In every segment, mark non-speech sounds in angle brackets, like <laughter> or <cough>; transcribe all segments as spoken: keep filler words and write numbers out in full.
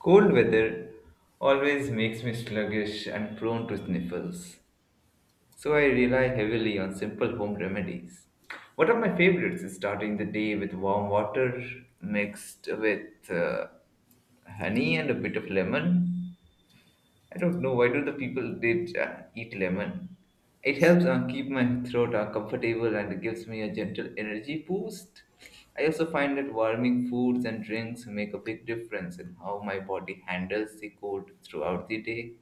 Cold weather always makes me sluggish and prone to sniffles, so I rely heavily on simple home remedies. One of my favorites is starting the day with warm water mixed with uh, honey and a bit of lemon. I don't know why do the people they uh, eat lemon. It helps uh, keep my throat uh, comfortable and gives me a gentle energy boost. I also find that warming foods and drinks make a big difference in how my body handles the cold throughout the day.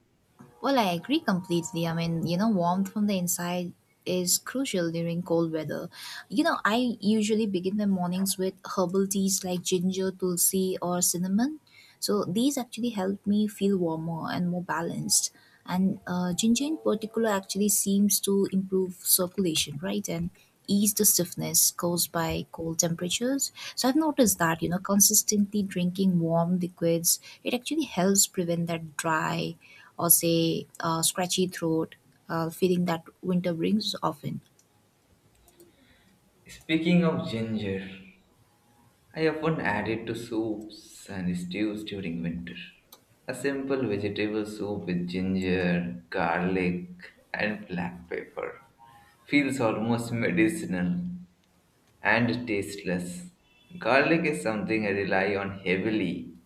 Well, I agree completely. I mean, you know, warmth from the inside is crucial during cold weather. You know, I usually begin my mornings with herbal teas like ginger, tulsi, or cinnamon. So these actually help me feel warmer and more balanced. And uh, ginger in particular actually seems to improve circulation, right? And ease the stiffness caused by cold temperatures. So I've noticed that, you know, consistently drinking warm liquids, it actually helps prevent that dry or say a scratchy throat, uh, feeling that winter brings often. Speaking of ginger, I often add it to soups and stews during winter. A simple vegetable soup with ginger, garlic, and black pepper feels almost medicinal and tasteless. Garlic is something I rely on heavily.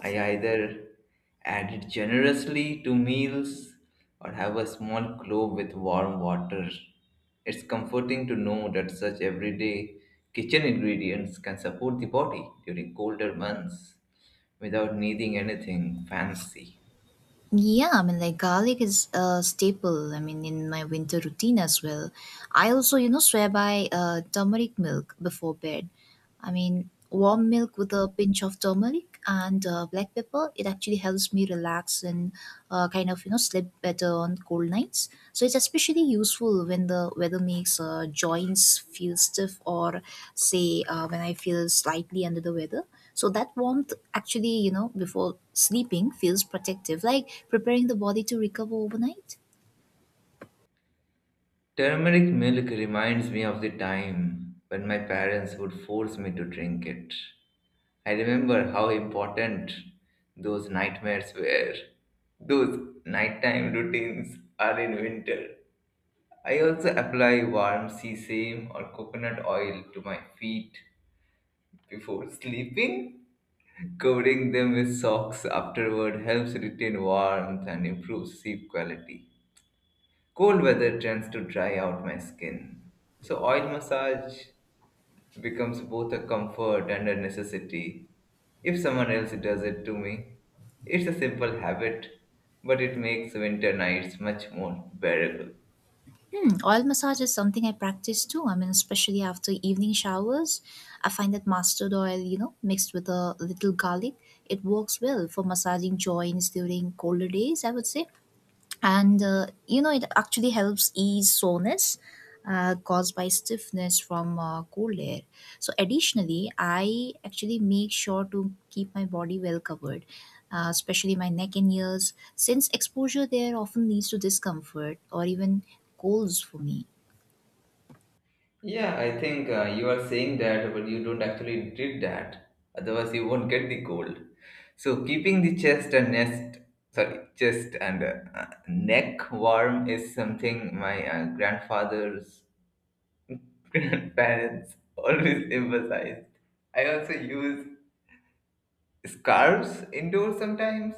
I either add it generously to meals or have a small clove with warm water. It's comforting to know that such everyday kitchen ingredients can support the body during colder months without needing anything fancy. Yeah, I mean, like garlic is a staple. I mean, in my winter routine as well. I also, you know, swear by uh, turmeric milk before bed. I mean, warm milk with a pinch of turmeric and uh, black pepper. It actually helps me relax and uh, kind of, you know, sleep better on cold nights. So it's especially useful when the weather makes uh, joints feel stiff or, say, uh, when I feel slightly under the weather, so that warmth actually, you know before sleeping, feels protective, like preparing the body to recover overnight. Turmeric milk reminds me of the time when my parents would force me to drink it. I remember how important those nightmares were. Those nighttime routines are in winter. I also apply warm sesame or coconut oil to my feet before sleeping. Covering them with socks afterward helps retain warmth and improves sleep quality. Cold weather tends to dry out my skin, so oil massage becomes both a comfort and a necessity. If someone else does it to me, it's a simple habit, but it makes winter nights much more bearable. Hmm, oil massage is something I practice too. I mean, especially after evening showers, I find that mustard oil, you know mixed with a little garlic, it works well for massaging joints during colder days, I would say. And uh, you know it actually helps ease soreness uh, caused by stiffness from uh, cold air. So additionally, I actually make sure to keep my body well covered, uh, especially my neck and ears, since exposure there often leads to discomfort or even colds for me. Yeah, I think uh, you are saying that, but you don't actually did that. Otherwise, you won't get the cold. So, keeping the chest and nest, sorry, chest and uh, uh, neck warm is something my uh, grandfather's <laughs> grandparents always emphasized. I also use scarves indoors sometimes,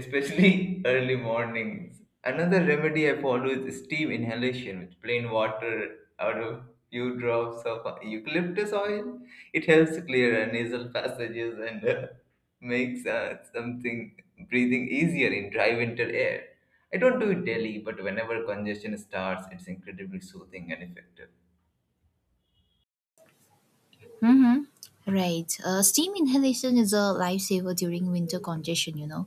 especially <laughs> early mornings. Another remedy I follow is steam inhalation with plain water out of few drops of eucalyptus oil. It helps clear uh, nasal passages and uh, makes uh, something breathing easier in dry winter air. I don't do it daily, but whenever congestion starts, it's incredibly soothing and effective. Mm-hmm. Right. Uh, steam inhalation is a lifesaver during winter congestion, you know.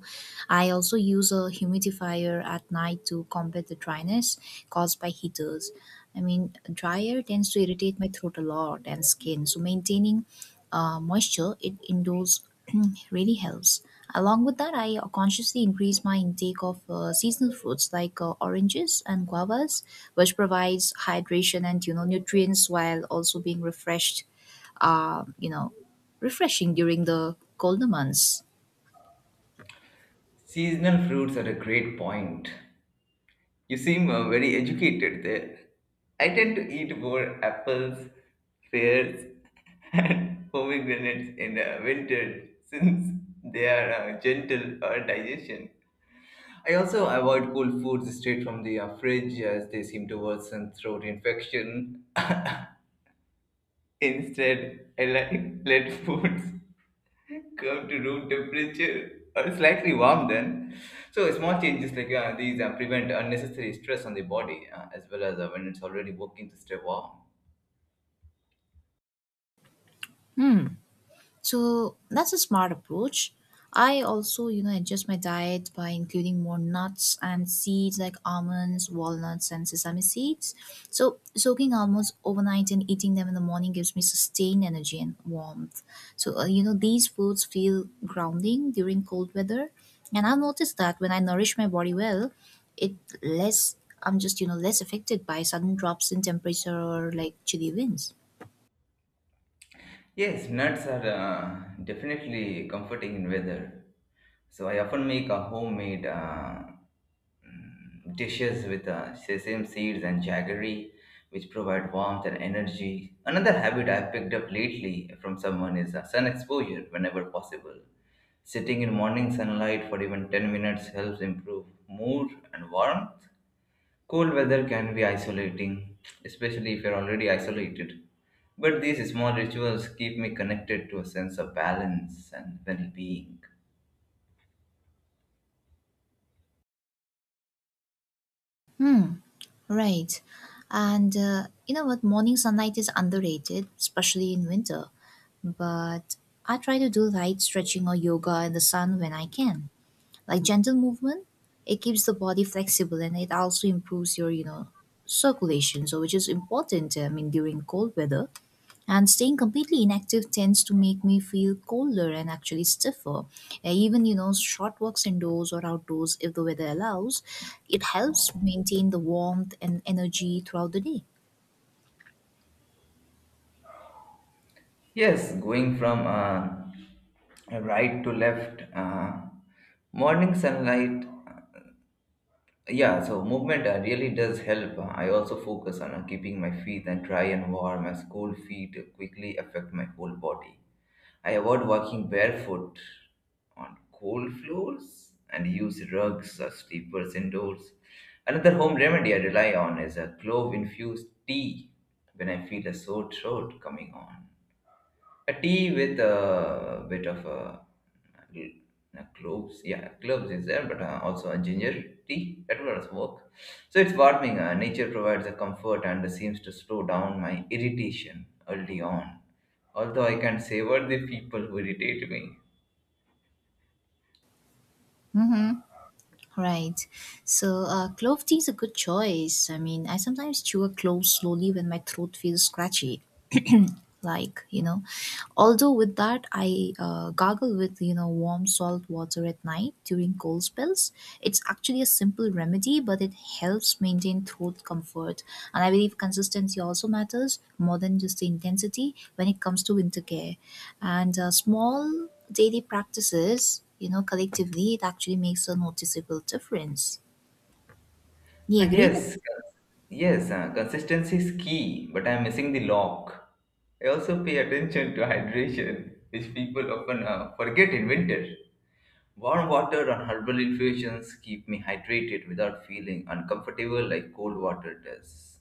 I also use a humidifier at night to combat the dryness caused by heaters. I mean, dry air tends to irritate my throat a lot and skin. So, maintaining uh, moisture it indoors <clears throat> really helps. Along with that, I consciously increase my intake of uh, seasonal fruits like uh, oranges and guavas, which provides hydration and you know nutrients, while also being refreshed uh, you know, refreshing during the colder months. Seasonal fruits are a great point. You seem uh, very educated there. I tend to eat more apples, pears, <laughs> and pomegranates in uh, winter since they are uh, gentle for digestion. I also avoid cold foods straight from the uh, fridge as they seem to worsen throat infection. <laughs> Instead, I like <laughs> let foods curve to room temperature or slightly warm then. So small changes like uh, these uh, prevent unnecessary stress on the body uh, as well as uh, when it's already working to stay warm. Hmm. So that's a smart approach. I also, you know, adjust my diet by including more nuts and seeds like almonds, walnuts, and sesame seeds. So soaking almonds overnight and eating them in the morning gives me sustained energy and warmth. So uh, you know, these foods feel grounding during cold weather, and I've noticed that when I nourish my body well, it less I'm just you know less affected by sudden drops in temperature or like chilly winds. Yes, nuts are uh, definitely comforting in weather. So I often make a homemade uh, mm, dishes with uh, sesame seeds and jaggery, which provide warmth and energy. Another habit I've picked up lately from someone is uh, sun exposure whenever possible. Sitting in morning sunlight for even ten minutes helps improve mood and warmth. Cold weather can be isolating, especially if you're already isolated. But these small rituals keep me connected to a sense of balance and well being. Hmm. Right. And uh, you know what? Morning sunlight is underrated, especially in winter. But I try to do light stretching or yoga in the sun when I can. Like gentle movement, it keeps the body flexible, and it also improves your, you know, circulation. So, which is important, I mean, during cold weather. And staying completely inactive tends to make me feel colder and actually stiffer. Uh, Even, you know, short walks indoors or outdoors, if the weather allows, it helps maintain the warmth and energy throughout the day. Yes, going from uh, right to left, uh, morning sunlight. Yeah, so movement uh, really does help. I also focus on uh, keeping my feet uh, dry and warm as cold feet quickly affect my whole body. I avoid walking barefoot on cold floors and use rugs or sleepers indoors. Another home remedy I rely on is a clove infused tea when I feel a sore throat coming on. A tea with a bit of a, a cloves, yeah, cloves is there, but uh, also a ginger tea. That will also work. So it's warming. Uh, nature provides a comfort and seems to slow down my irritation early on. Although I can savor the people who irritate me. Hmm. Right. So, uh, clove tea is a good choice. I mean, I sometimes chew a clove slowly when my throat feels scratchy. <clears throat> Like, you know, although with that, I uh, gargle with, you know, warm salt water at night during cold spells. It's actually a simple remedy, but it helps maintain throat comfort. And I believe consistency also matters more than just the intensity when it comes to winter care. And uh, small daily practices, you know, collectively, it actually makes a noticeable difference. Ah, You agree with? yes, cons- yes, uh, consistency is key, but I'm missing the lock. I also pay attention to hydration, which people often uh, forget in winter. Warm water and herbal infusions keep me hydrated without feeling uncomfortable like cold water does.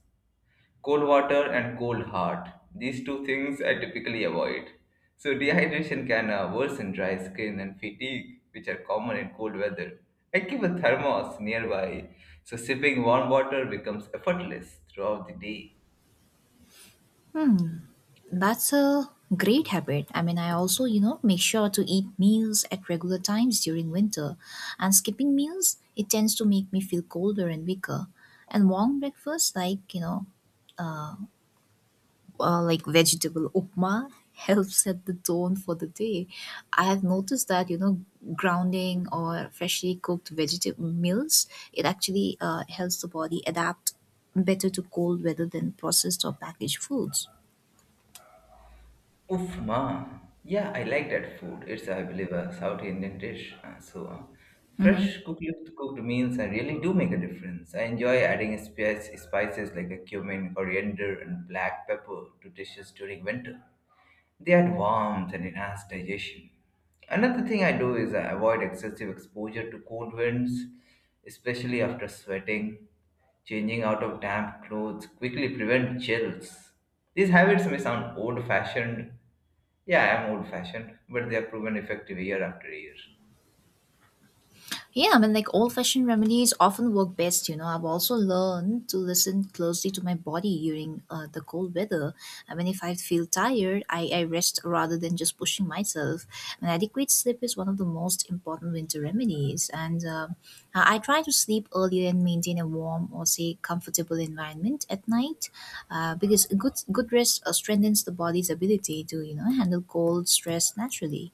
Cold water and cold heart, these two things I typically avoid. So, dehydration can uh, worsen dry skin and fatigue, which are common in cold weather. I keep a thermos nearby, so sipping warm water becomes effortless throughout the day. Hmm, that's a great habit. I mean, I also, you know, make sure to eat meals at regular times during winter. And skipping meals, it tends to make me feel colder and weaker. And warm breakfast, like, you know, uh, like vegetable upma helps set the tone for the day. I have noticed that you know grounding or freshly cooked vegetable meals, it actually uh, helps the body adapt better to cold weather than processed or packaged foods. Oof ma. Yeah, I like that food. It's, I believe, a South Indian dish. Uh, so, uh, Mhm. fresh cooked, cooked meals uh, really do make a difference. I enjoy adding spice, spices like a cumin, coriander, and black pepper to dishes during winter. They add warmth and enhance digestion. Another thing I do is I avoid excessive exposure to cold winds, especially after sweating. Changing out of damp clothes quickly prevent chills. These habits may sound old fashioned. Yeah, I am old fashioned, but they are proven effective year after year. Yeah, I mean, like old fashioned remedies often work best, you know. I've also learned to listen closely to my body during uh, the cold weather. I mean, if I feel tired, I, I rest rather than just pushing myself. And adequate sleep is one of the most important winter remedies. And um I I try to sleep earlier and maintain a warm or, say, comfortable environment at night uh, because good, good rest uh, strengthens the body's ability to, you know, handle cold stress naturally.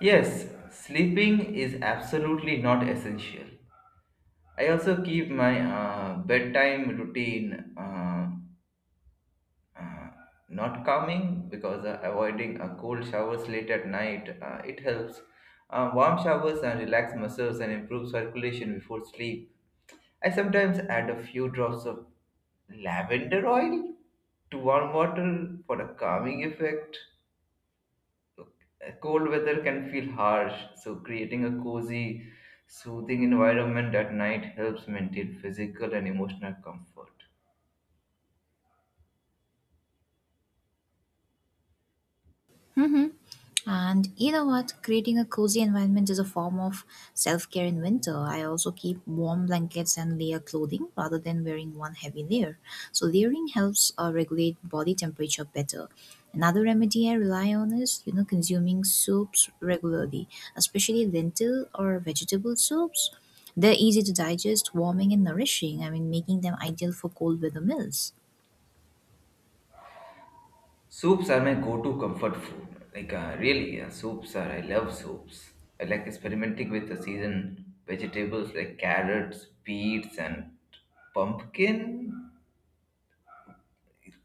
Yes, sleeping is absolutely not essential. I also keep my uh, bedtime routine. Uh, Uh, not calming because uh, avoiding uh, cold showers late at night uh, it helps. Uh, warm showers and relax muscles and improve circulation before sleep. I sometimes add a few drops of lavender oil to warm water for a calming effect. Uh, Cold weather can feel harsh, so creating a cozy, soothing environment at night helps maintain physical and emotional comfort. Hmm. And you know what? Creating a cozy environment is a form of self care in winter. I also keep warm blankets and layer clothing rather than wearing one heavy layer. So, layering helps uh, regulate body temperature better. Another remedy I rely on is, you know, consuming soups regularly, especially lentil or vegetable soups. They're easy to digest, warming, and nourishing. I mean, making them ideal for cold weather meals. Soups are my go-to comfort food. Like uh, really, uh, soups are. I love soups. I like experimenting with the season vegetables like carrots, beets, and pumpkin.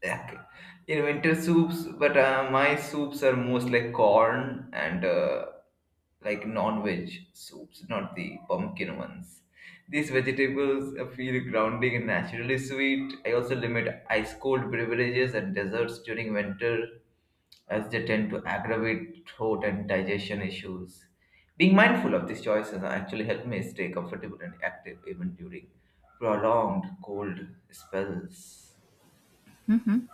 Like in winter soups, but uh, my soups are most like corn and uh, like non-veg soups, not the pumpkin ones. These vegetables uh, feel grounding and naturally sweet. I also limit ice cold beverages and desserts during winter as they tend to aggravate throat and digestion issues. Being mindful of these choices actually helped me stay comfortable and active even during prolonged cold spells. Mhm.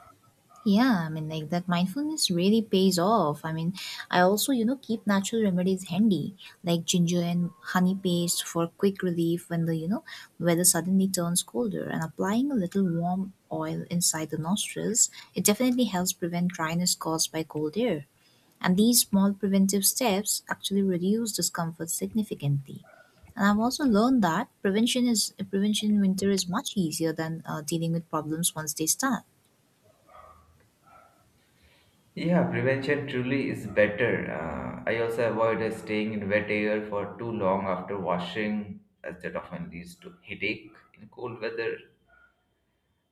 Yeah, I mean, like that mindfulness really pays off. I mean, I also, you know, keep natural remedies handy, like ginger and honey paste for quick relief when the, you know, weather suddenly turns colder. And applying a little warm oil inside the nostrils, it definitely helps prevent dryness caused by cold air. And these small preventive steps actually reduce discomfort significantly. And I've also learned that prevention is prevention in winter is much easier than uh, dealing with problems once they start. Yeah, prevention truly is better. Uh, I also avoid uh, staying in wet air for too long after washing, as that often leads to headache in cold weather.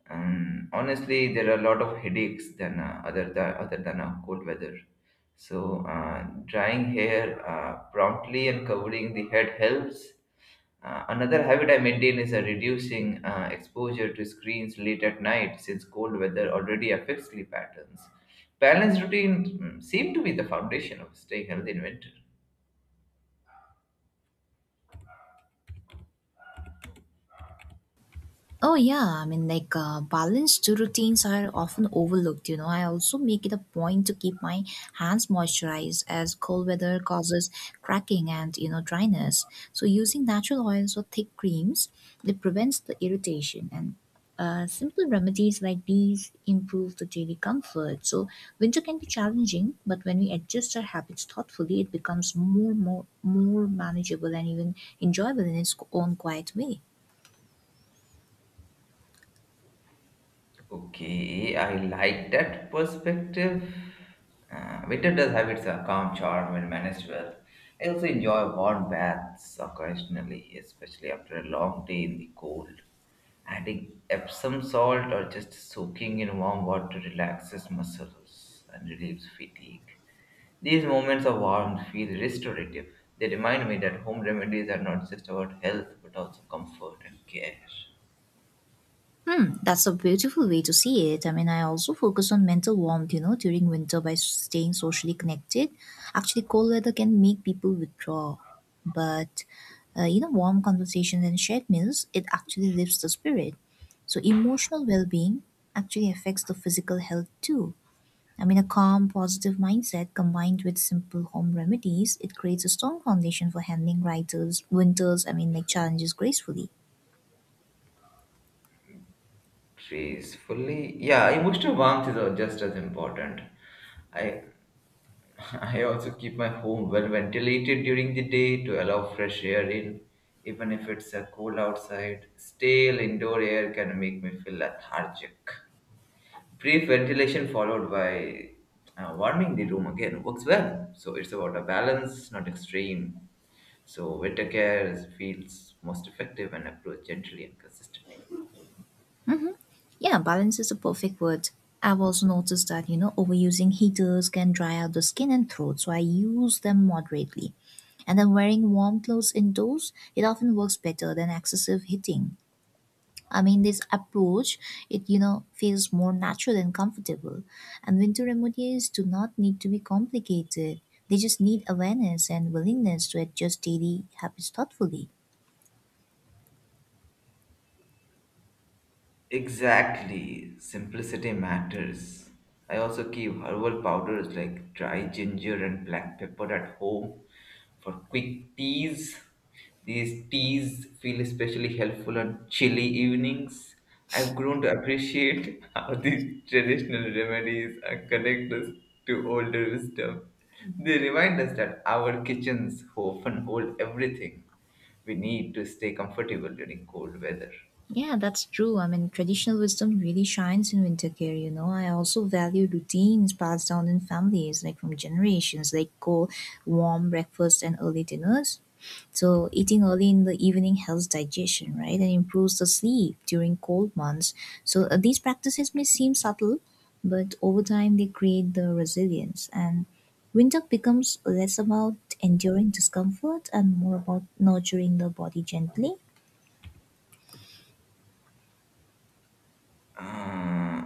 Um, honestly, there are a lot of headaches than uh, other than other than uh, cold weather. So, uh, drying hair uh, promptly and covering the head helps. Uh, another habit I maintain is a reducing uh, exposure to screens late at night since cold weather already affects sleep patterns. Balanced routine mm, seem to be the foundation of staying healthy in winter. Oh yeah, I mean like uh, balanced routines are often overlooked, you know. I also make it a point to keep my hands moisturized as cold weather causes cracking and, you know, dryness. So using natural oils or thick creams, it prevents the irritation and uh, simple remedies like these improve the daily comfort. So winter can be challenging, but when we adjust our habits thoughtfully, it becomes more more more manageable and even enjoyable in its own quiet way. Okay, I like that perspective. Uh, winter does have its uh, calm charm when managed well. I also enjoy warm baths occasionally, especially after a long day in the cold. Adding Epsom salt or just soaking in warm water relaxes muscles and relieves fatigue. These moments of warmth feel restorative. They remind me that home remedies are not just about health but also comfort and care. Hmm, that's a beautiful way to see it. I mean, I also focus on mental warmth, you know, during winter by staying socially connected. Actually, cold weather can make people withdraw, but uh, you know, warm conversations and shared meals, it actually lifts the spirit. So, emotional well being actually affects the physical health too. I mean, a calm, positive mindset combined with simple home remedies, it creates a strong foundation for handling writers, winters, I mean, like challenges gracefully. Peacefully, yeah, emotional warmth is uh, just as important. I <laughs> I also keep my home well ventilated during the day to allow fresh air in, even if it's a cold outside. Stale indoor air can make me feel lethargic. Brief ventilation followed by uh, warming the room again works well. So it's about a balance, not extreme. So winter care is- feels most effective when approached gently and consistently. Yeah, balance is a perfect word. I've also noticed that, you know, overusing heaters can dry out the skin and throat, so I use them moderately. And then wearing warm clothes indoors, it often works better than excessive heating. I mean, this approach, it, you know, feels more natural and comfortable. And winter remedies do not need to be complicated. They just need awareness and willingness to adjust daily habits thoughtfully. Exactly. Simplicity matters. I also keep herbal powders like dry ginger and black pepper at home for quick teas. These teas feel especially helpful on chilly evenings. I've grown to appreciate <laughs> how these traditional remedies are connect us to older wisdom. They remind us that our kitchens often hold everything we need to stay comfortable during cold weather. Yeah, that's true. I mean, traditional wisdom really shines in winter care, you know. I also value routines passed down in families, like from generations, like cold, warm breakfast and early dinners. So, eating early in the evening helps digestion, right, and improves the sleep during cold months. So, uh, these practices may seem subtle, but over time they create the resilience. And winter becomes less about enduring discomfort and more about nurturing the body gently. Uh,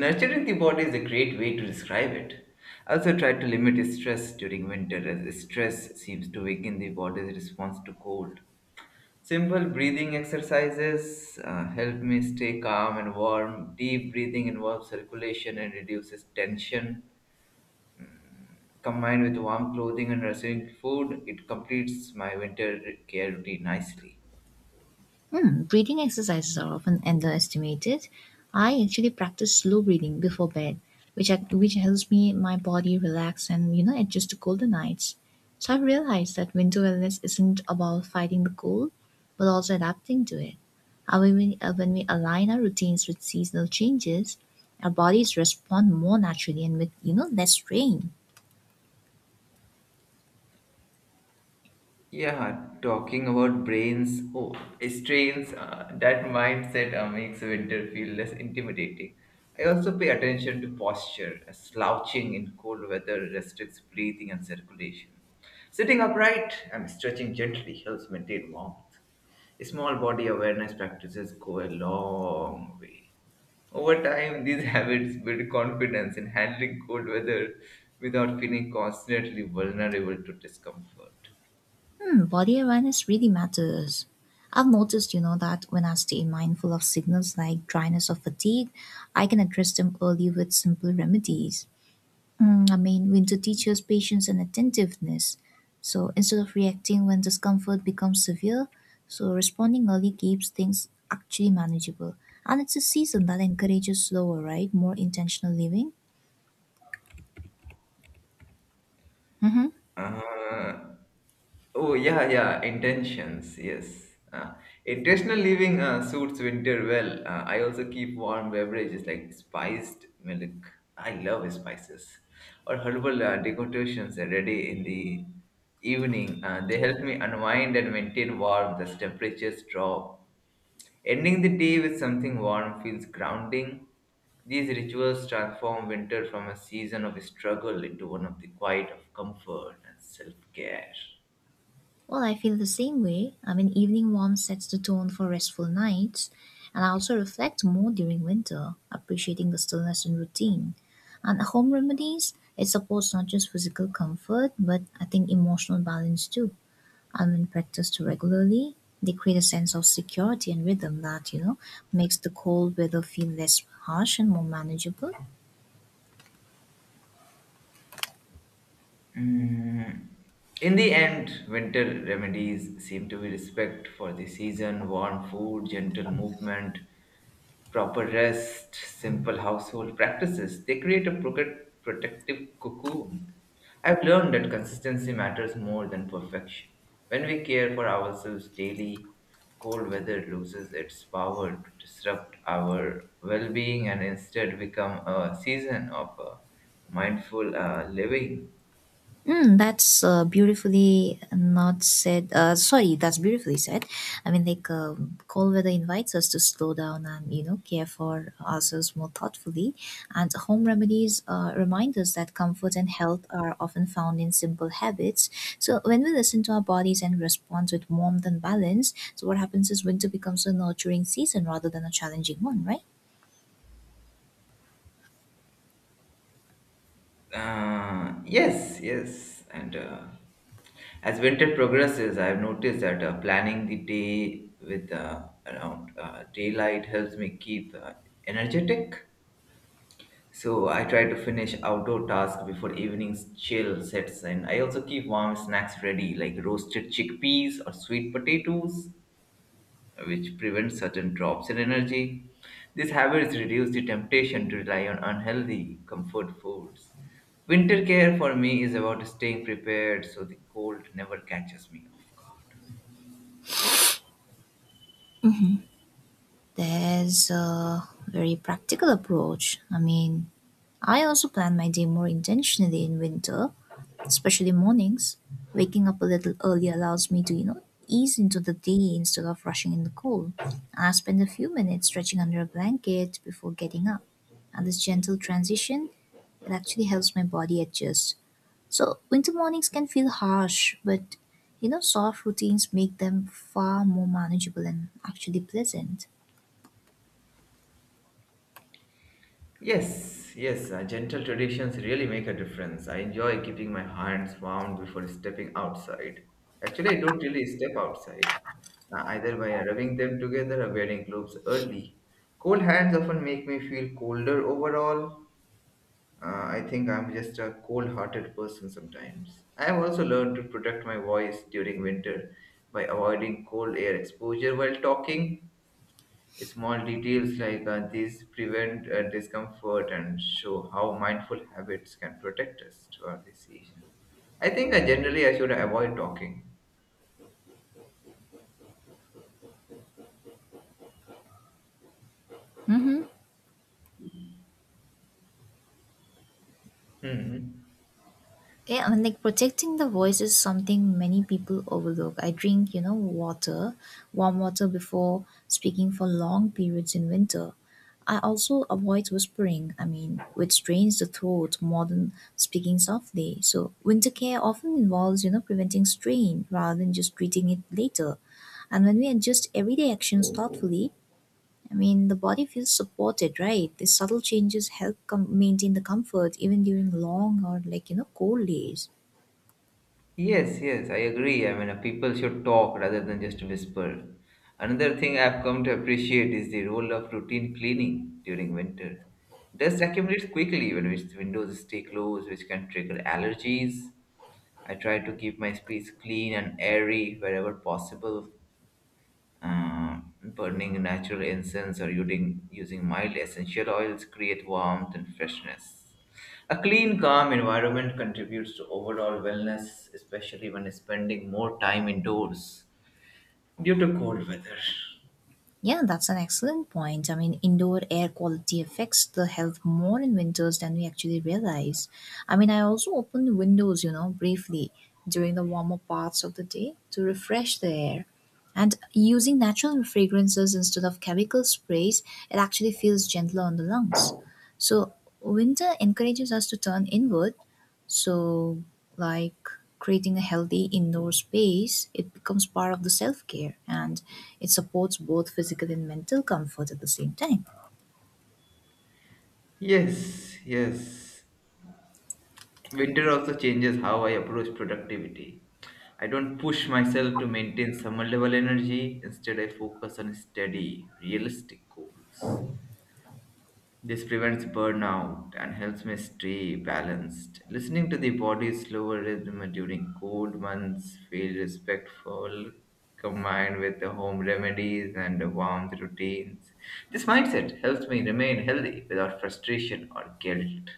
Nurturing the body is a great way to describe it. I also try to limit stress during winter as stress seems to weaken the body's response to cold. Simple breathing exercises uh, help me stay calm and warm. Deep breathing involves circulation and reduces tension. Combined with warm clothing and nourishing food, it completes my winter care routine nicely. Hmm, breathing exercises are often underestimated. I actually practice slow breathing before bed, which I, which helps me my body relax and you know adjust to colder nights. So I've realized that winter wellness isn't about fighting the cold, but also adapting to it. And when we, uh, when we align our routines with seasonal changes, our bodies respond more naturally and with you know less strain. Yeah, talking about brains, oh, strains, uh, that mindset uh, makes winter feel less intimidating. I also pay attention to posture. uh, Slouching in cold weather restricts breathing and circulation. Sitting upright and stretching gently helps maintain warmth. Small body awareness practices go a long way. Over time, these <laughs> habits build confidence in handling cold weather without feeling constantly vulnerable to discomfort. Hmm, body awareness really matters. I've noticed, you know, that when I stay mindful of signals like dryness or fatigue, I can address them early with simple remedies. Mm, I mean, winter teaches patience and attentiveness. So instead of reacting when discomfort becomes severe, so responding early keeps things actually manageable. And it's a season that encourages slower, right? More intentional living. Hmm. Uh, oh yeah, yeah. Intentions, yes. Uh, intentional living uh, suits winter well. Uh, I also keep warm beverages like spiced milk. I love spices or herbal uh, decorations are ready in the evening. Uh, they help me unwind and maintain warmth as temperatures drop. Ending the day with something warm feels grounding. These rituals transform winter from a season of struggle into one of the quiet of comfort and self care. Well, I feel the same way. I mean, evening warmth sets the tone for restful nights, and I also reflect more during winter, appreciating the stillness and routine. And home remedies, it supports not just physical comfort, but I think emotional balance too. And when practiced regularly, they create a sense of security and rhythm that, you know, makes the cold weather feel less harsh and more manageable. Mm. In the end, winter remedies seem to be respect for the season, warm food, gentle movement, proper rest, simple household practices, they create a proc- protective cocoon. I've learned that consistency matters more than perfection. When we care for ourselves daily, cold weather loses its power to disrupt our well being and instead become a season of uh, mindful uh, living. Mm, that's uh, beautifully not said. Uh, sorry, that's beautifully said. I mean, like um, cold weather invites us to slow down and you know care for ourselves more thoughtfully. And home remedies uh, remind us that comfort and health are often found in simple habits. So when we listen to our bodies and respond with warmth and balance, so what happens is winter becomes a nurturing season rather than a challenging one, right? Uh, yes, yes. And uh, as winter progresses, I've noticed that uh, planning the day with uh, around uh, daylight helps me keep uh, energetic. So I try to finish outdoor tasks before evening's chill sets in. I also keep warm snacks ready, like roasted chickpeas or sweet potatoes which prevents sudden drops in energy. These habits reduce the temptation to rely on unhealthy comfort foods. Winter care for me is about staying prepared so the cold never catches me off guard. That's a very practical approach. I mean, I also plan my day more intentionally in winter, especially mornings. Waking up a little early allows me to, you know, ease into the day instead of rushing in the cold. And I spend a few minutes stretching under a blanket before getting up. And this gentle transition, it actually helps my body adjust. So, winter mornings can feel harsh, but you know, soft routines make them far more manageable and actually pleasant. Yes, yes, uh, gentle traditions really make a difference. I enjoy keeping my hands warm before stepping outside. Actually, I don't really step outside, uh, either by rubbing them together or wearing gloves early. Cold hands often make me feel colder overall, Uh, I think I'm just a cold hearted person sometimes. I have also learned to protect my voice during winter by avoiding cold air exposure while talking. Small details like uh, these prevent uh, discomfort and show how mindful habits can protect us throughout the season. I think uh, generally I should avoid talking. Hmm. Yeah, and like protecting the voice is something many people overlook. I drink, you know, water, warm water before speaking for long periods in winter. I also avoid whispering, I mean, which strains the throat more than speaking softly. So, winter care often involves, you know, preventing strain rather than just treating it later. And when we adjust everyday actions thoughtfully, I mean, the body feels supported, right? These subtle changes help com- maintain the comfort even during long or like, you know, cold days. Yes, yes, I agree. I mean, uh, people should talk rather than just whisper. Another thing I've come to appreciate is the role of routine cleaning during winter. Dust accumulates quickly when its windows stay closed, which can trigger allergies. I try to keep my space clean and airy wherever possible. Uh, Burning natural incense or using, using mild essential oils create warmth and freshness. A clean, calm environment contributes to overall wellness, especially when spending more time indoors due to cold weather. Yeah, that's an excellent point. I mean, indoor air quality affects the health more in winters than we actually realize. I mean, I also open the windows, you know, briefly during the warmer parts of the day to refresh the air. And using natural fragrances instead of chemical sprays, it actually feels gentler on the lungs. So, winter encourages us to turn inward so, like creating a healthy indoor space, it becomes part of the self care and it supports both physical and mental comfort at the same time. Yes, yes. Winter also changes how I approach productivity. I don't push myself to maintain summer level energy, instead, I focus on steady, realistic goals. This prevents burnout and helps me stay balanced. Listening to the body's slower rhythm during cold months feels respectful, combined with the home remedies and the warmth routines. This mindset helps me remain healthy without frustration or guilt.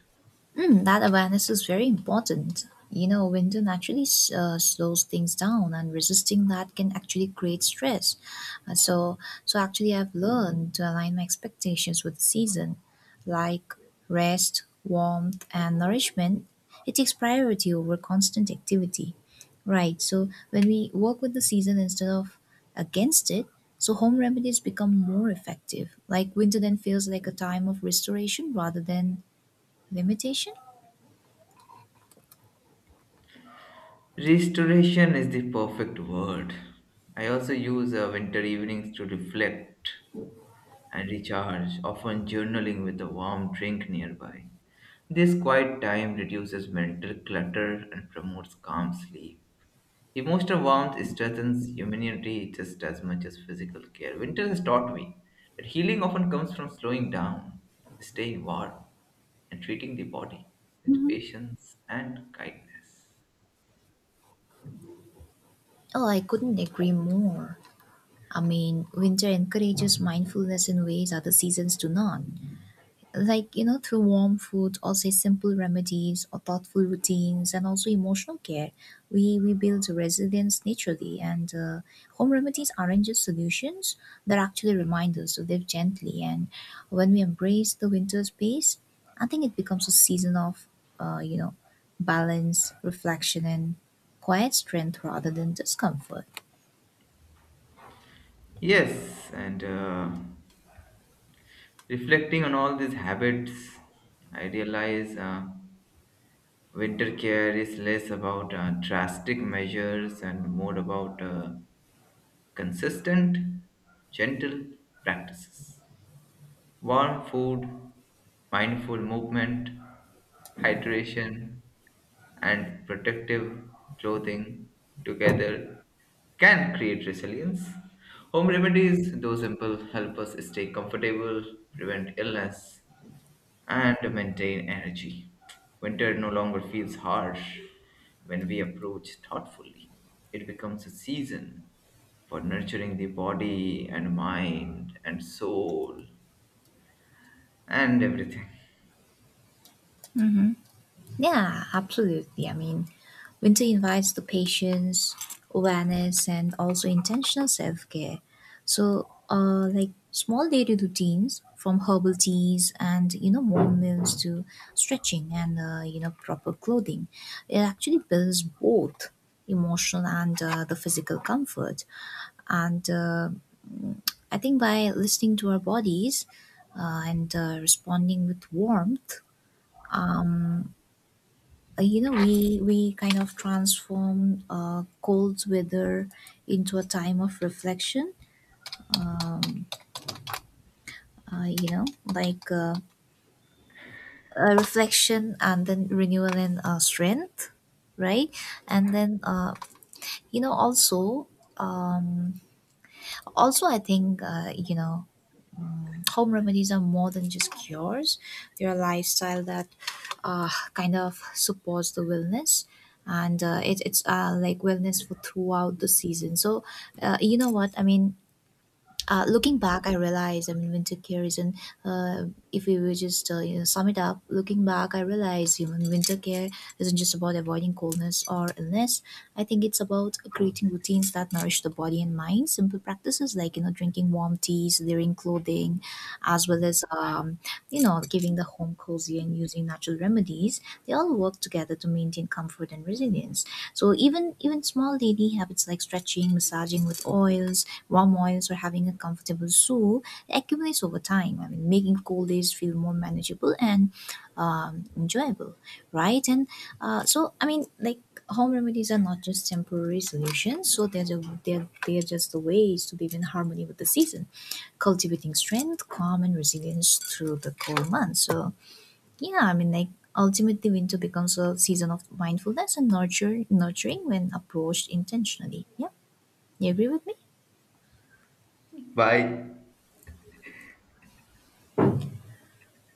Mm, that awareness is very important. You know, winter naturally s- uh, slows things down, and resisting that can actually create stress. Uh, so, so actually, I've learned to align my expectations with the season, like rest, warmth, and nourishment. It takes priority over constant activity, right? So, when we work with the season instead of against it, so home remedies become more effective. Like winter then feels like a time of restoration rather than limitation. Restoration is the perfect word. I also use uh, winter evenings to reflect and recharge, often journaling with a warm drink nearby. This quiet time reduces mental clutter and promotes calm sleep. Emotional warmth strengthens immunity just as much as physical care. Winter has taught me that healing often comes from slowing down, staying warm, and treating the body with patience and kindness. Oh, I couldn't agree more. I mean, winter encourages mindfulness in ways other seasons do not. Like, you know, through warm food, or say simple remedies or thoughtful routines and also emotional care, we, we build resilience naturally. And uh, home remedies aren't just solutions, they're actually reminders to live gently. And when we embrace the winter space, I think it becomes a season of, uh, you know, balance, reflection, and quiet strength rather than discomfort. Yes, and uh, Reflecting on all these habits, I realize. Uh, Winter care is less about uh, drastic measures and more about uh, consistent, gentle practices. Warm food, mindful movement, hydration, and protective clothing together can create resilience. Home remedies, though simple, help us stay comfortable, prevent illness, and maintain energy. Winter no longer feels harsh when we approach thoughtfully. It becomes a season for nurturing the body and mind and soul and everything. Yeah, absolutely. I mean, winter invites the patience, awareness, and also intentional self care. So, uh, like small daily routines from herbal teas and you know warm meals to stretching and uh, you know proper clothing, it actually builds both emotional and uh, the physical comfort. And uh, I think by listening to our bodies uh, and uh, responding with warmth uh, you know we we kind of transform uh, cold weather into a time of reflection uh, you know like uh, a reflection and then renewal and uh, strength, right? And then uh, you know, also, um, also i think uh, you know, home remedies are more than just cures. They're a lifestyle that uh, kind of supports the wellness, and uh, it, it's uh, like wellness for throughout the season. So, uh, you know what? I mean, uh, looking back, I realized, I mean, when winter care isn't, uh, if we were just, uh, you know, sum it up, looking back, I realized, you know, winter care isn't just about avoiding coldness or illness. I think it's about creating routines that nourish the body and mind. Simple practices like, you know, drinking warm teas, layering clothing, as well as um, you know, giving the home cozy and using natural remedies, they all work together to maintain comfort and resilience. So even even small daily habits like stretching, massaging with oils, warm oils, or having a comfortable soul accumulates over time. I mean, making cold days feel more manageable and um, enjoyable, right? And uh, so I mean, like home remedies are not just temporary solutions, so they're just, they're, they're just the ways to live in harmony with the season, cultivating strength, calm, and resilience through the cold months. So, yeah, I mean, like ultimately, winter becomes a season of mindfulness and nurture, nurturing when approached intentionally. Yeah, you agree with me? Bye.